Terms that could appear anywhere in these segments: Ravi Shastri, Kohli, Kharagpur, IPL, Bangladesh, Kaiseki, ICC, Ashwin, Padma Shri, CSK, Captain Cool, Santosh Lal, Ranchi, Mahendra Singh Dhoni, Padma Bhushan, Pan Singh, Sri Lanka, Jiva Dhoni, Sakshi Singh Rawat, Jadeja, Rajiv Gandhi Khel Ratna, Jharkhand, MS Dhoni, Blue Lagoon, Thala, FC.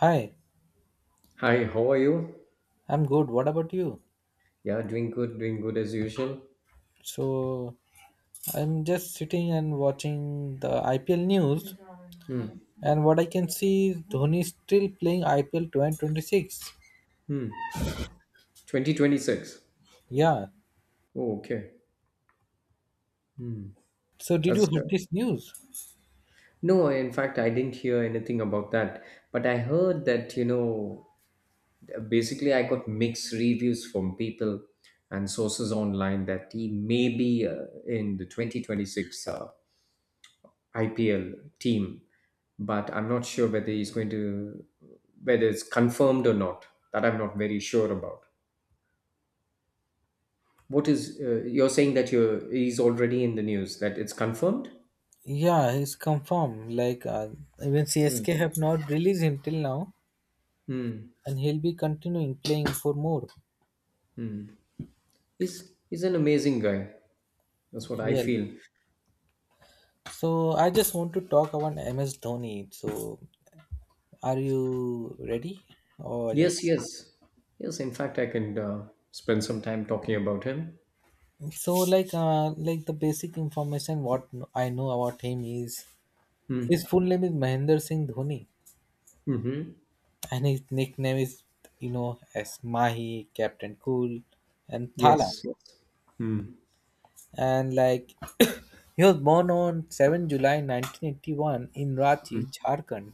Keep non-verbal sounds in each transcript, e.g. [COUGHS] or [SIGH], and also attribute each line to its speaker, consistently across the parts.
Speaker 1: Hi,
Speaker 2: Hi, how are you?
Speaker 1: I'm good. What about you?
Speaker 2: Yeah, doing good as usual.
Speaker 1: So, I'm just sitting and watching the IPL news,
Speaker 2: Hmm.
Speaker 1: and what I can see is Dhoni is still playing IPL 2026.
Speaker 2: Hmm. 2026.
Speaker 1: Yeah.
Speaker 2: Oh, okay.
Speaker 1: So, did you
Speaker 2: That's
Speaker 1: hear this news?
Speaker 2: No, in fact, I didn't hear anything about that. But I heard that, basically I got mixed reviews from people and sources online that he may be in the 2026 IPL team, but I'm not sure whether whether it's confirmed or not. That I'm not very sure about. What is you're saying that you're he's already in the news that it's confirmed?
Speaker 1: Yeah, it's confirmed. Like, even
Speaker 2: Mm.
Speaker 1: CSK have not released him till now,
Speaker 2: Hmm.
Speaker 1: and he'll be continuing playing for more.
Speaker 2: He's an amazing guy. That's what I
Speaker 1: Really.
Speaker 2: feel.
Speaker 1: So, I just want to talk about MS Dhoni. So, are you ready? Or
Speaker 2: Yes,
Speaker 1: just.
Speaker 2: yes, yes. In fact, I can spend some time talking about him.
Speaker 1: So like the basic information what I know about him is his
Speaker 2: Hmm.
Speaker 1: full name is Mahendra Singh Dhoni,
Speaker 2: Mm-hmm.
Speaker 1: and his nickname is you know as Mahi, Captain Cool and Thala.
Speaker 2: Yes. Yes. Hmm.
Speaker 1: And like [COUGHS] he was born on 7 July 1981 in Ranchi, Jharkhand,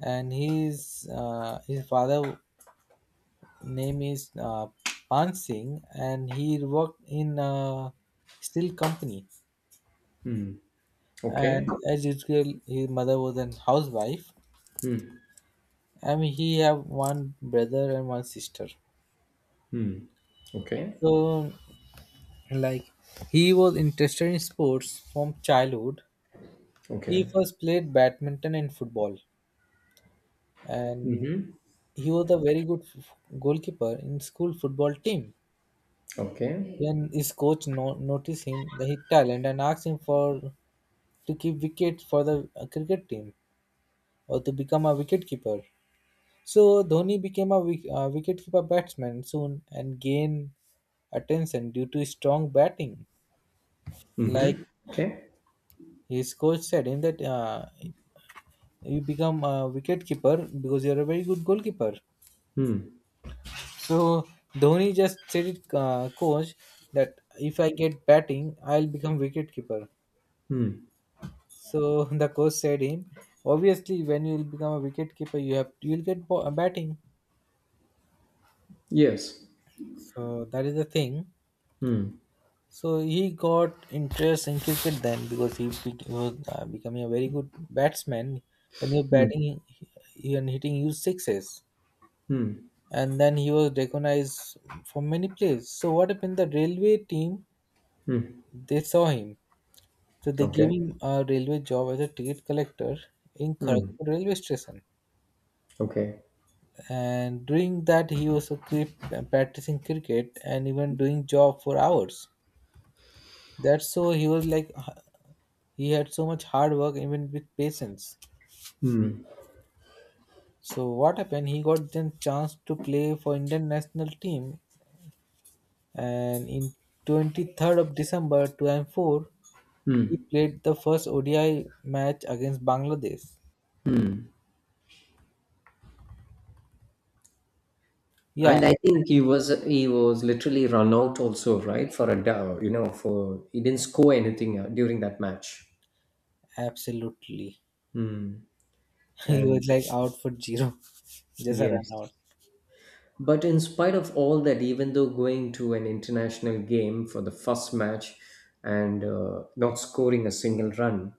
Speaker 1: and his father name is Pan Singh, and he worked in a steel company. And
Speaker 2: Okay.
Speaker 1: as usual, his mother was an housewife.
Speaker 2: Hmm.
Speaker 1: I mean, he have one brother and one sister.
Speaker 2: Okay.
Speaker 1: So like he was interested in sports from childhood. He
Speaker 2: Okay.
Speaker 1: first played badminton and football, and he was a very good goalkeeper in school football team,
Speaker 2: Okay.
Speaker 1: when his coach noticed him the his talent and asked him for to keep wicket for the cricket team, or to become a wicket keeper. So Dhoni became a wicketkeeper batsman soon and gained attention due to strong batting. Like
Speaker 2: Mm-hmm. Okay.
Speaker 1: his coach said him that you become a wicketkeeper because you're a very good goalkeeper.
Speaker 2: Hmm.
Speaker 1: So Dhoni just said it, coach, that if I get batting, I'll become wicketkeeper.
Speaker 2: Hmm.
Speaker 1: So [LAUGHS] the coach said him, obviously when you'll become a wicketkeeper, you'll get batting.
Speaker 2: Yes.
Speaker 1: So that is the thing.
Speaker 2: Hmm.
Speaker 1: So he got interest in cricket then because he was becoming a very good batsman. When you're
Speaker 2: Hmm.
Speaker 1: batting and hitting, you sixes,
Speaker 2: Hmm.
Speaker 1: and then he was recognized for many plays. So what happened? The railway team
Speaker 2: Hmm.
Speaker 1: they saw him, so they gave
Speaker 2: Okay.
Speaker 1: him a railway job as a ticket collector in
Speaker 2: Hmm.
Speaker 1: Kharagpur railway station.
Speaker 2: Okay.
Speaker 1: And during that, he was a practicing cricket and even doing job for hours. That's so he was like he had so much hard work even with patience. So what happened? He got then chance to play for Indian national team, and in 23rd of December 2004, he
Speaker 2: Hmm.
Speaker 1: played the first ODI match against Bangladesh. Yeah,
Speaker 2: And I think he was literally run out also, right? For a dou- you know, for he didn't score anything during that match.
Speaker 1: absolutely. [LAUGHS] He
Speaker 2: And
Speaker 1: was like out for zero, just a run
Speaker 2: yes,
Speaker 1: out.
Speaker 2: but in spite of all that, even though going to an international game for the first match and not scoring a single run,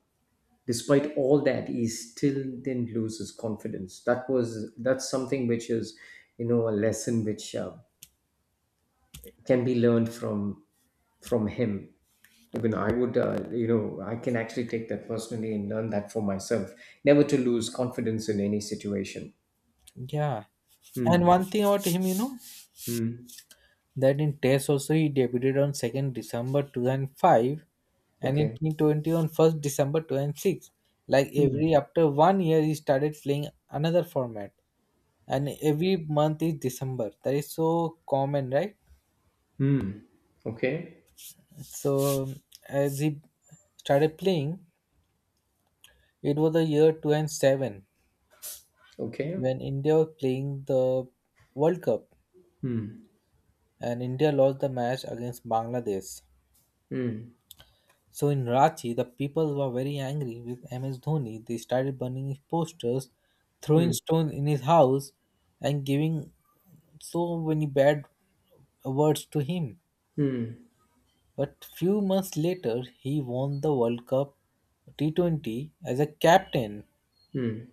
Speaker 2: despite all that, he still didn't lose his confidence. That's something which is, you know, a lesson which can be learned from him. Even I would, you know, I can actually take that personally and learn that for myself, never to lose confidence in any situation.
Speaker 1: Yeah, and
Speaker 2: Hmm.
Speaker 1: one thing about him, you know,
Speaker 2: Hmm.
Speaker 1: that in Test also he debuted on 2nd December 2005 and in
Speaker 2: Okay.
Speaker 1: T20 on 1st December 2006. Like every after one year he started playing another format, and every month is December. That is so common, right?
Speaker 2: Okay.
Speaker 1: So as he started playing, it was the year 2007
Speaker 2: Okay.
Speaker 1: when India was playing the World Cup, and India lost the match against Bangladesh.
Speaker 2: Hmm.
Speaker 1: So in Ranchi, the people were very angry with MS Dhoni. They started burning his posters, throwing
Speaker 2: Hmm.
Speaker 1: stones in his house, and giving so many bad words to him.
Speaker 2: Hmm.
Speaker 1: But few months later, he won the World Cup T20 as a captain.
Speaker 2: Hmm.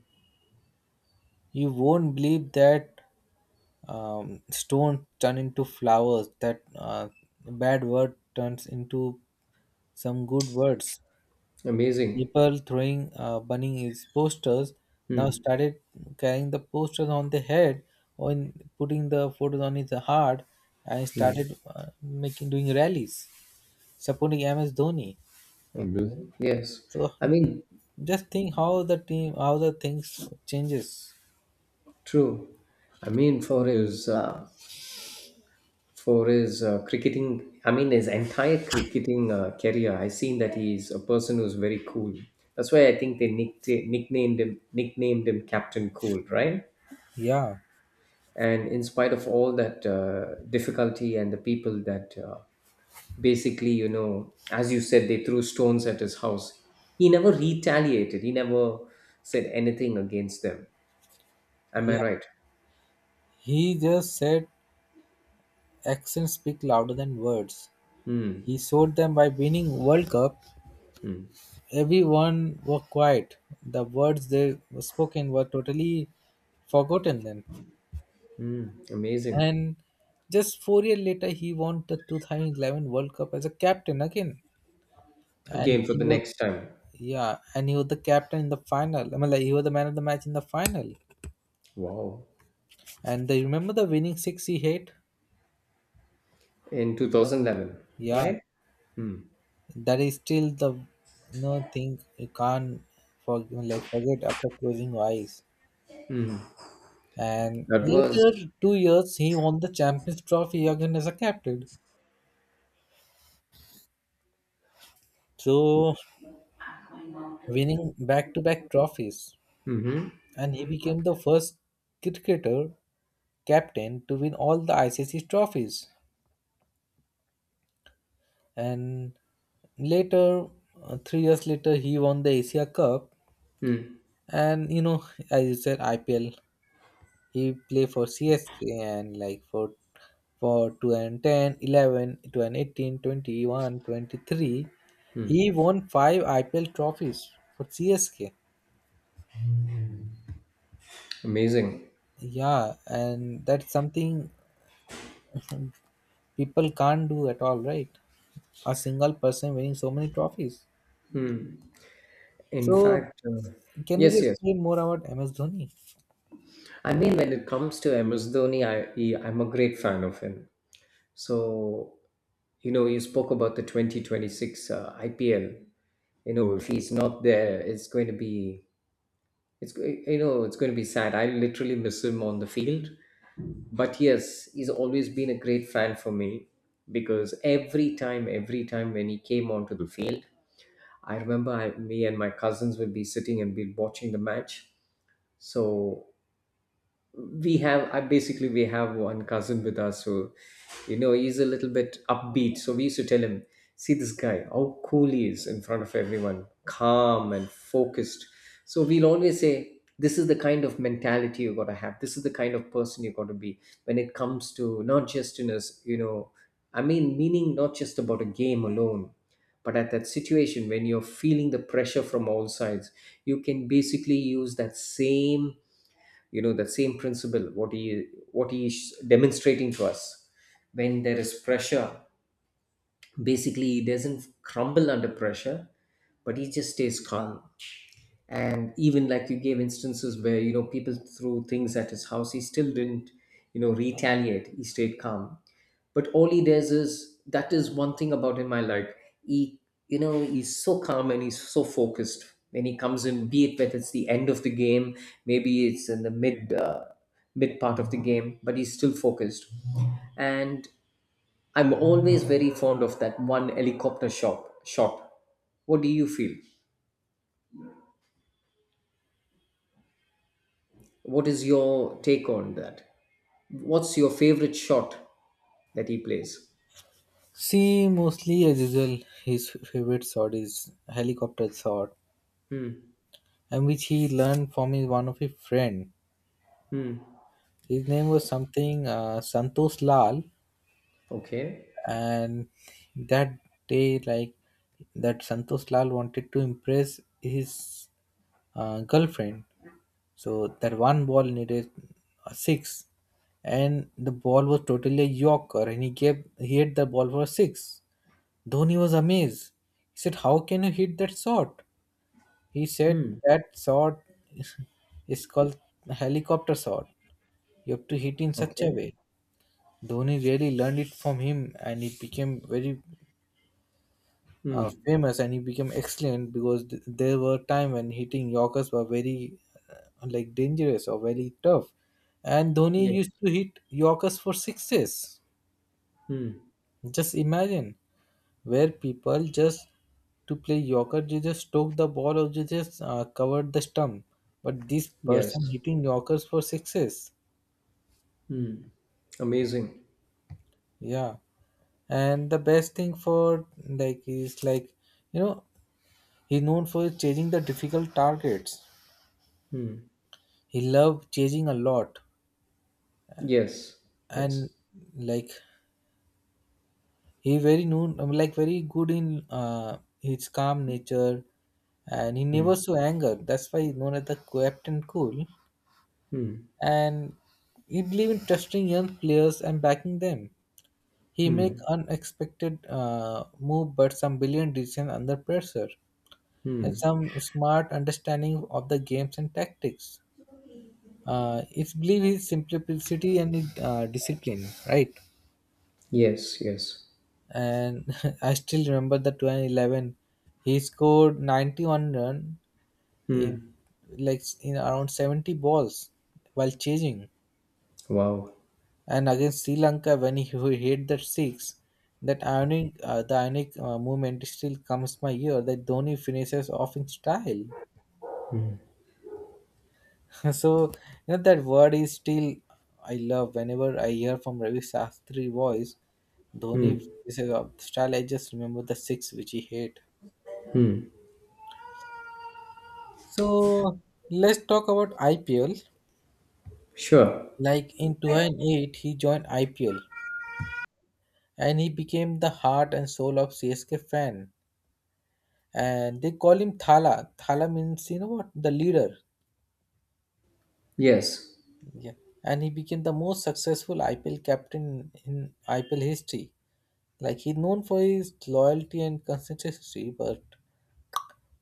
Speaker 1: You won't believe that stone turn into flowers. That bad word turns into some good words.
Speaker 2: Amazing.
Speaker 1: People throwing burning his posters now started carrying the posters on the head, or putting the photos on his heart, and started making doing rallies supporting MS Dhoni.
Speaker 2: Yes.
Speaker 1: So
Speaker 2: i mean
Speaker 1: just think how the team how the things changes.
Speaker 2: True. I mean, for his cricketing, I mean, his entire cricketing career, I seen that he is a person who's very cool. That's why I think they nicknamed him Captain Cool, right?
Speaker 1: Yeah,
Speaker 2: And in spite of all that difficulty and the people that basically, you know, as you said, they threw stones at his house, he never retaliated. He never said anything against them. Am
Speaker 1: yeah.
Speaker 2: I right?
Speaker 1: He just said actions speak louder than words.
Speaker 2: Hmm.
Speaker 1: He showed them by winning World Cup. Everyone were quiet. The words they were spoken were totally forgotten then.
Speaker 2: Hmm. Amazing.
Speaker 1: And just 4 years later, he won the 2011 World Cup as a captain again. And
Speaker 2: Again for
Speaker 1: he
Speaker 2: the
Speaker 1: was,
Speaker 2: next time.
Speaker 1: yeah, and he was the captain in the final. I mean, like, he was the man of the match in the final.
Speaker 2: Wow.
Speaker 1: And they remember the winning six he hit?
Speaker 2: In 2011,
Speaker 1: Yeah,
Speaker 2: right. Hmm.
Speaker 1: that is still the no thing you can't for, like, forget after closing your eyes. And
Speaker 2: that was
Speaker 1: later 2 years, he won the Champions Trophy again as a captain. So winning back-to-back trophies,
Speaker 2: Mhm.
Speaker 1: and he became the first cricketer captain to win all the ICC trophies. And later, 3 years later, he won the Asia Cup,
Speaker 2: Mm,
Speaker 1: and you know, as you said, IPL. He play for CSK, and like for 2010, 11, 2018, 21, 23. He
Speaker 2: mm.
Speaker 1: won five IPL trophies for CSK.
Speaker 2: Amazing.
Speaker 1: Yeah, and that's something people can't do at all, right? A single person winning so many trophies.
Speaker 2: In
Speaker 1: So,
Speaker 2: fact
Speaker 1: can you
Speaker 2: Yes,
Speaker 1: just
Speaker 2: yes.
Speaker 1: say more about MS Dhoni?
Speaker 2: I mean, when it comes to MS Dhoni, I'm a great fan of him. So you know you spoke about the 2026 IPL. You know, if he's not there it's going to you know, it's going to be sad. I literally miss him on the field. But yes, he's always been a great fan for me. Because every time when he came onto the field, I remember me and my cousins would be sitting and be watching the match. So we have I basically we have one cousin with us who, you know, he's a little bit upbeat, so we used to tell him, see this guy, how cool he is in front of everyone, calm and focused. So we'll always say this is the kind of mentality you got to have, this is the kind of person you got to be when it comes to not just in us, you know, I mean, meaning not just about a game alone, but at that situation when you're feeling the pressure from all sides, you can basically use that same, you know, the same principle what he is demonstrating to us. When there is pressure, basically he doesn't crumble under pressure, but he just stays calm. And even like you gave instances where, you know, people threw things at his house, he still didn't, you know, retaliate. He stayed calm. But all he does is that is one thing about him I like. He, you know, he's so calm and he's so focused when he comes in. Be it that it's the end of the game, maybe it's in the mid mid part of the game, but he's still focused. And I'm always very fond of that one helicopter shot. What do you feel? What is your take on that? What's your favorite shot that he plays?
Speaker 1: See, mostly as usual, his favorite shot is helicopter shot,
Speaker 2: Hmm.
Speaker 1: and which he learned from his one of his friend.
Speaker 2: Hmm.
Speaker 1: His name was something Santosh Lal,
Speaker 2: Okay.
Speaker 1: and that day, Santosh Lal wanted to impress his girlfriend. So that one ball needed a six, and the ball was totally a yorker, and he hit the ball for a six. Dhoni was amazed. He said, "How can you hit that shot?" He said,
Speaker 2: Hmm.
Speaker 1: "That shot [LAUGHS] is called helicopter shot. You have to hit in such a
Speaker 2: Okay.
Speaker 1: way." Dhoni really learned it from him, and he became very
Speaker 2: Hmm.
Speaker 1: famous, and he became excellent because there were time when hitting yorkers were very like dangerous or very tough, and Dhoni
Speaker 2: Yeah.
Speaker 1: used to hit yorkers for sixes.
Speaker 2: Hmm.
Speaker 1: Just imagine where people just to play yorker, they just stroke the ball or they just covered the stump, but this person
Speaker 2: Yes.
Speaker 1: hitting yorkers for sixes,
Speaker 2: Hmm. Amazing.
Speaker 1: yeah. And the best thing for like is like you know he's known for chasing the difficult targets.
Speaker 2: Hmm.
Speaker 1: He loved chasing a lot,
Speaker 2: Yes.
Speaker 1: and
Speaker 2: Yes.
Speaker 1: like he very known, like very good in his calm nature, and he never
Speaker 2: Hmm.
Speaker 1: saw anger. That's why he's known as the Captain Cool. And he believe in trusting young players and backing them. He make unexpected move, but some brilliant decision under pressure, and
Speaker 2: Hmm.
Speaker 1: some smart understanding of the games and tactics. It's believe his simplicity and his, discipline, right?
Speaker 2: Yes. Yes.
Speaker 1: And [LAUGHS] I still remember the 2011. He scored 91 run in like in around 70 balls while chasing.
Speaker 2: Wow.
Speaker 1: And against Sri Lanka, when he hit that six, that ionic the ionic movement still comes my ear. That Dhoni finishes off in style. [LAUGHS] So you know that word is still I love whenever I hear from Ravi Shastri voice, Dhoni is a style. I just remember the six which he hit. So let's talk about IPL.
Speaker 2: Sure.
Speaker 1: Like in 2008, he joined IPL, and he became the heart and soul of CSK fan. And they call him Thala. Thala means, you know what, the leader.
Speaker 2: Yes.
Speaker 1: Yeah. And he became the most successful IPL captain in IPL history. Like he's known for his loyalty and consistency, but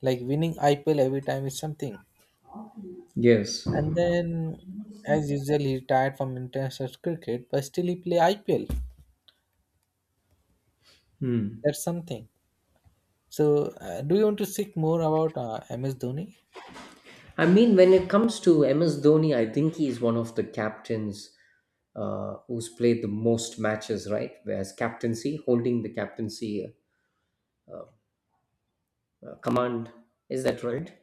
Speaker 1: like winning IPL every time is something.
Speaker 2: Yes.
Speaker 1: And then, as usual, he retired from international cricket, but still he play IPL.
Speaker 2: Hmm.
Speaker 1: That's something. So, do you want to speak more about MS Dhoni?
Speaker 2: I mean, when it comes to MS Dhoni, I think he's one of the captains who's played the most matches, right? As captaincy, holding the captaincy command. Is that right?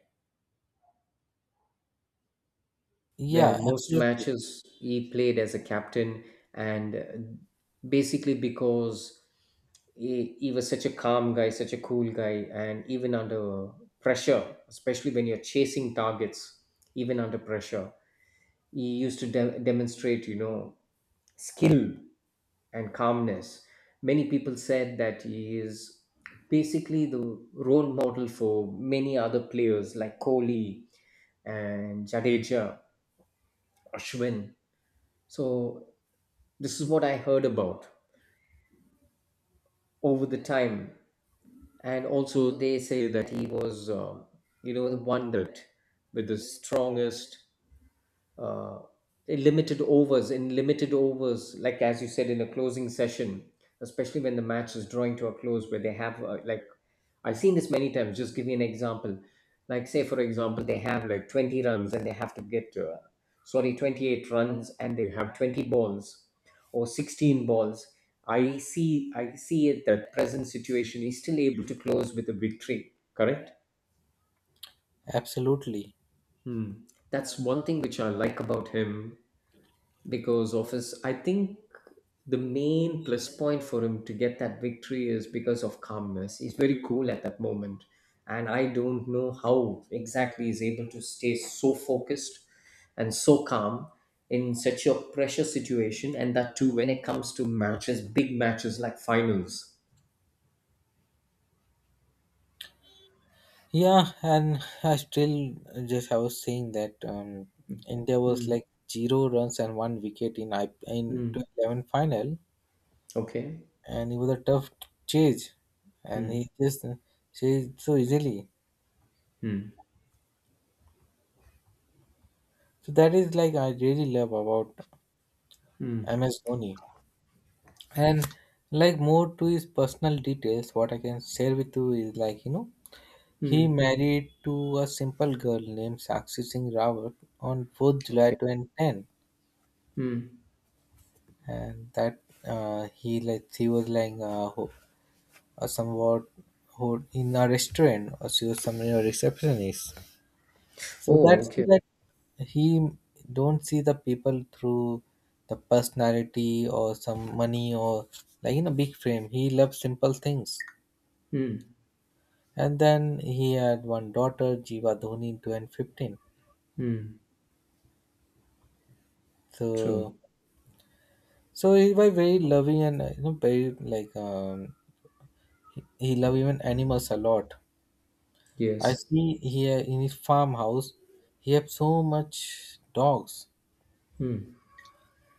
Speaker 1: Yeah,
Speaker 2: Where most
Speaker 1: absolutely,
Speaker 2: matches he played as a captain, and basically because he was such a calm guy, such a cool guy, and even under pressure, especially when you're chasing targets, even under pressure, he used to demonstrate, you know, skill and calmness. Many people said that he is basically the role model for many other players, like Kohli and Jadeja, Ashwin. So this is what I heard about over the time. And also they say that he was, you know, the one that with the strongest uh, in limited in limited overs, like as you said, in a closing session, especially when the match is drawing to a close, where they have like, I've seen this many times. Just give me an example. Like say for example, they have like 20 runs and they have to get sorry, 28 runs and they have 20 balls or 16 balls. I see it that present situation is still able to close with a victory. Correct.
Speaker 1: absolutely.
Speaker 2: Hmm. That's one thing which I like about him, because of his, I think the main plus point for him to get that victory is because of calmness. He's very cool at that moment, and I don't know how exactly he's able to stay so focused and so calm in such a pressure situation, and that too when it comes to matches, big matches like finals.
Speaker 1: Yeah, and I still just I was saying that India was
Speaker 2: Hmm.
Speaker 1: like zero runs and one wicket in I in
Speaker 2: Hmm.
Speaker 1: 2011 final,
Speaker 2: Okay.
Speaker 1: and it was a tough chase, and
Speaker 2: Hmm.
Speaker 1: he just chased so easily,
Speaker 2: Hmm.
Speaker 1: so that is like I really love about
Speaker 2: Hmm.
Speaker 1: MS Dhoni. And like more to his personal details what I can share with you is like, you know,
Speaker 2: Hmm.
Speaker 1: he married to a simple girl named Sakshi Singh Rawat on 4th July
Speaker 2: Okay.
Speaker 1: 2010.
Speaker 2: Hmm.
Speaker 1: And that, he was like somewhat in a restaurant, or she was somewhere a receptionist. So
Speaker 2: Oh,
Speaker 1: that's so
Speaker 2: okay.
Speaker 1: that he don't see the people through the personality or some money or like in a big frame. He loves simple things.
Speaker 2: Hmm.
Speaker 1: And then he had one daughter Jiva Dhoni two and fifteen. So
Speaker 2: True.
Speaker 1: so he was very loving, and you know, very like he love even animals a lot. I
Speaker 2: Yes.
Speaker 1: see here in his farmhouse he have so much dogs,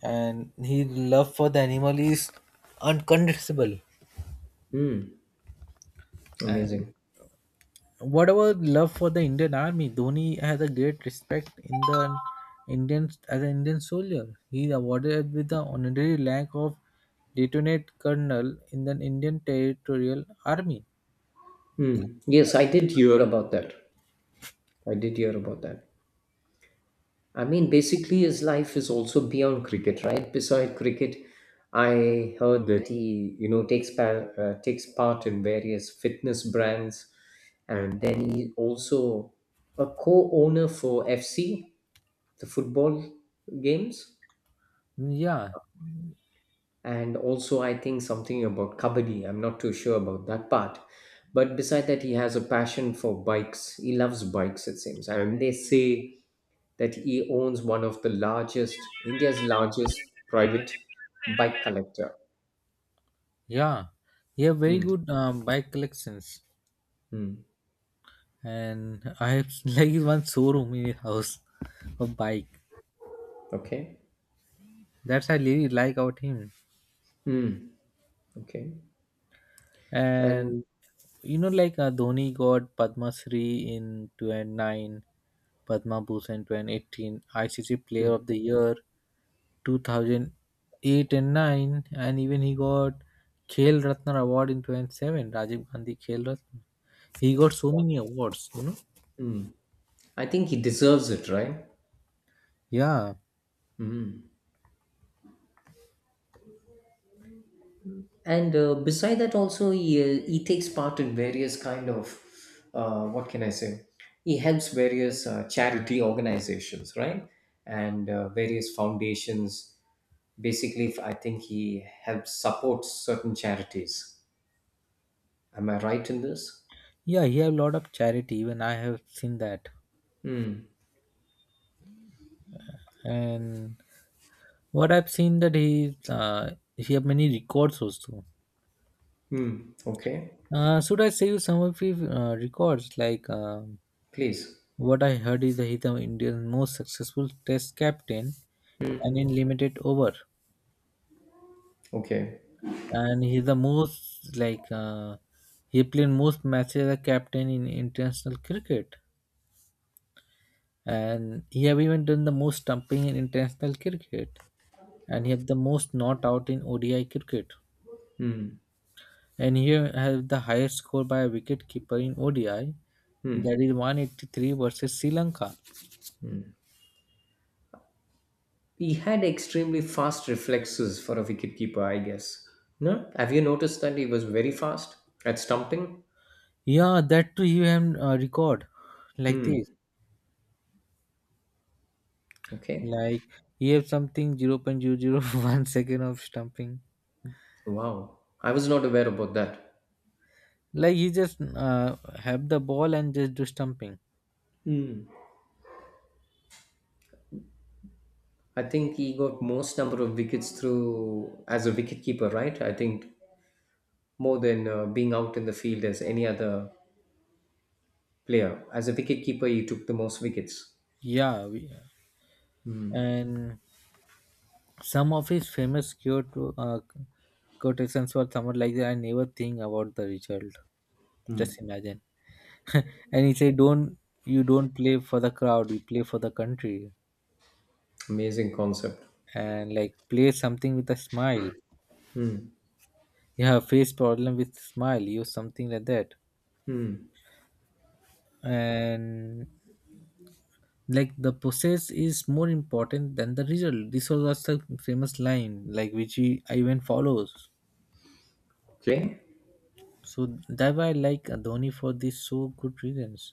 Speaker 1: and his love for the animal is unconditionable.
Speaker 2: Hmm.
Speaker 1: And
Speaker 2: Amazing.
Speaker 1: what about love for the Indian army? Dhoni has a great respect in the Indian as an Indian soldier. He is awarded with the honorary rank of lieutenant colonel in the Indian Territorial Army.
Speaker 2: Hmm. Yes, I did hear about that. I did hear about that. I mean, basically, his life is also beyond cricket, right? Beside cricket, I heard that he, you know, takes part in various fitness brands, and then he also a co-owner for FC, the football games,
Speaker 1: Yeah,
Speaker 2: and also I think something about kabaddi. I'm not too sure about that part. But beside that, he has a passion for bikes. He loves bikes, it seems. And they say that he owns one of the India's largest private bike collector.
Speaker 1: yeah, he have very
Speaker 2: Hmm.
Speaker 1: good bike collections,
Speaker 2: Hmm.
Speaker 1: and I have [LAUGHS] like one showroom in his house of bike.
Speaker 2: Okay.
Speaker 1: That's I really like about him.
Speaker 2: Hmm. Okay.
Speaker 1: And
Speaker 2: And
Speaker 1: you know, like Dhoni got Padma Shri in 2009, Padma Bhushan 2018, ICC Player
Speaker 2: hmm,
Speaker 1: of the Year 2008 and 9, and even he got Khel Ratna Award in 27, Rajiv Gandhi Khel Ratna. He got so many awards, you know.
Speaker 2: hmm. I think he deserves it, right?
Speaker 1: Yeah,
Speaker 2: Hmm. And beside that, also he takes part in various kind of what can I say? He helps various charity organizations, right? And various foundations. Basically, I think he helps support certain charities. Am I right in this?
Speaker 1: yeah, he have a lot of charity. Even I have seen that, and what I've seen that he have many records also.
Speaker 2: Hmm. Okay.
Speaker 1: Should I save some of the records? Like
Speaker 2: Please.
Speaker 1: what I heard is that he's the Indian most successful Test captain and in limited over,
Speaker 2: Okay.
Speaker 1: and he's the most like he played most matches as a captain in international cricket, and he have even done the most stumping in international cricket, and he have the most not out in ODI cricket,
Speaker 2: Hmm.
Speaker 1: and he have the highest score by a wicket keeper in ODI, that is 183 versus Sri Lanka.
Speaker 2: He had extremely fast reflexes for a wicketkeeper, I guess. No? Have you noticed that he was very fast at stumping?
Speaker 1: Yeah, that too you have record like
Speaker 2: Hmm.
Speaker 1: this.
Speaker 2: Okay.
Speaker 1: Like you have something 0.00 [LAUGHS] 0.001 second of stumping.
Speaker 2: Wow. I was not aware about that.
Speaker 1: Like you just have the ball and just do stumping.
Speaker 2: I think he got most number of wickets through as a wicketkeeper, right? I think more than being out in the field as any other player. As a wicketkeeper, he took the most wickets.
Speaker 1: Yeah, we, and some of his famous quote uh, quotations were somewhat like that. I never think about the result. Just imagine. [LAUGHS] And he said, Don't play for the crowd. You play for the country."
Speaker 2: Amazing concept.
Speaker 1: And like play something with a smile. Yeah, face problem with smile use something like that. And like the process is more important than the result. This was the famous line like which he even follows.
Speaker 2: Okay.
Speaker 1: So that why I like Dhoni for this so good reasons.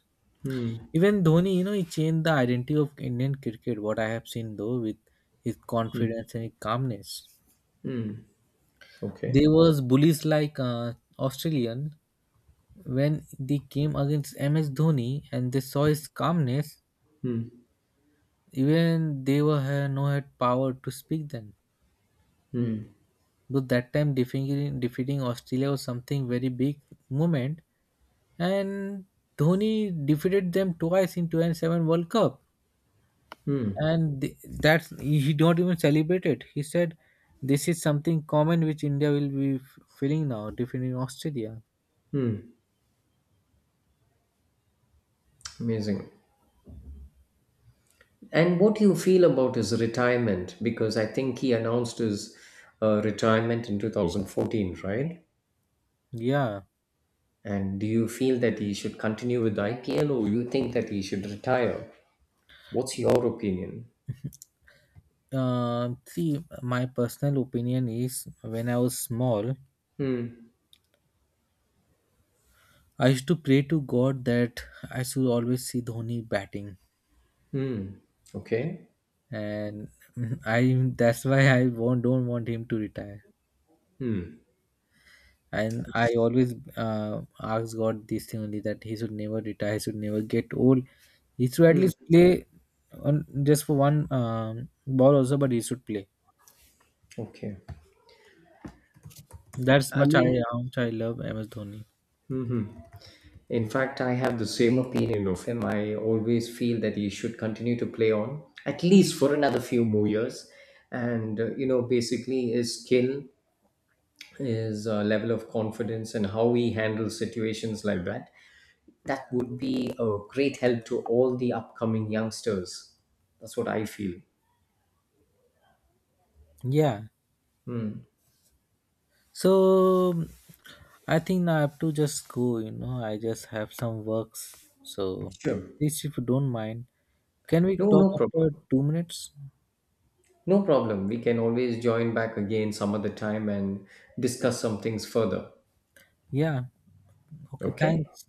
Speaker 2: Hmm.
Speaker 1: Even Dhoni, you know, he changed the identity of Indian cricket, what I have seen though, with his
Speaker 2: Hmm.
Speaker 1: confidence and his calmness.
Speaker 2: Hmm. Okay.
Speaker 1: There was bullies like Australian, when they came against MS Dhoni and they saw his calmness,
Speaker 2: Hmm.
Speaker 1: even they were had no had power to speak then. But that time defeating Australia was something very big moment, and Dhoni defeated them twice in 2007 World Cup,
Speaker 2: Hmm.
Speaker 1: and that's he don't even celebrate it. He said, "This is something common which India will be feeling now, defeating Australia."
Speaker 2: Hmm. Amazing. And what do you feel about his retirement? Because I think he announced his retirement in 2014, right?
Speaker 1: Yeah.
Speaker 2: And do you feel that he should continue with IPL, or you think that he should retire? What's your opinion?
Speaker 1: See, my personal opinion is when I was small,
Speaker 2: Hmm.
Speaker 1: I used to pray to God that I should always see Dhoni batting.
Speaker 2: Hmm. Okay.
Speaker 1: And [LAUGHS] I that's why I won't don't want him to retire.
Speaker 2: Hmm.
Speaker 1: And I always ask God this thing only that he should never retire, he should never get old. He should at
Speaker 2: Hmm.
Speaker 1: least play on just for one ball also, but he should play.
Speaker 2: Okay.
Speaker 1: That's
Speaker 2: I
Speaker 1: much I
Speaker 2: mean,
Speaker 1: how much I love MS Dhoni.
Speaker 2: In fact, I have the same opinion of him. I always feel that he should continue to play on at least for another few more years. And, you know, basically his skill, his level of confidence, and how he handles situations like that, that would be a great help to all the upcoming youngsters. That's what I feel.
Speaker 1: Yeah. So I think now I have to just go. You know, I just have some works. So
Speaker 2: Sure.
Speaker 1: please, if you don't mind, can we
Speaker 2: No,
Speaker 1: talk
Speaker 2: no
Speaker 1: after
Speaker 2: problem.
Speaker 1: 2 minutes?
Speaker 2: No problem. We can always join back again some other time and discuss some things further.
Speaker 1: Yeah. Okay.
Speaker 2: Okay?
Speaker 1: Thanks.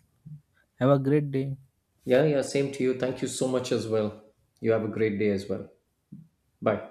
Speaker 1: Have a great day.
Speaker 2: Yeah, yeah, same to you. Thank you so much as well. You have a great day as well. Bye.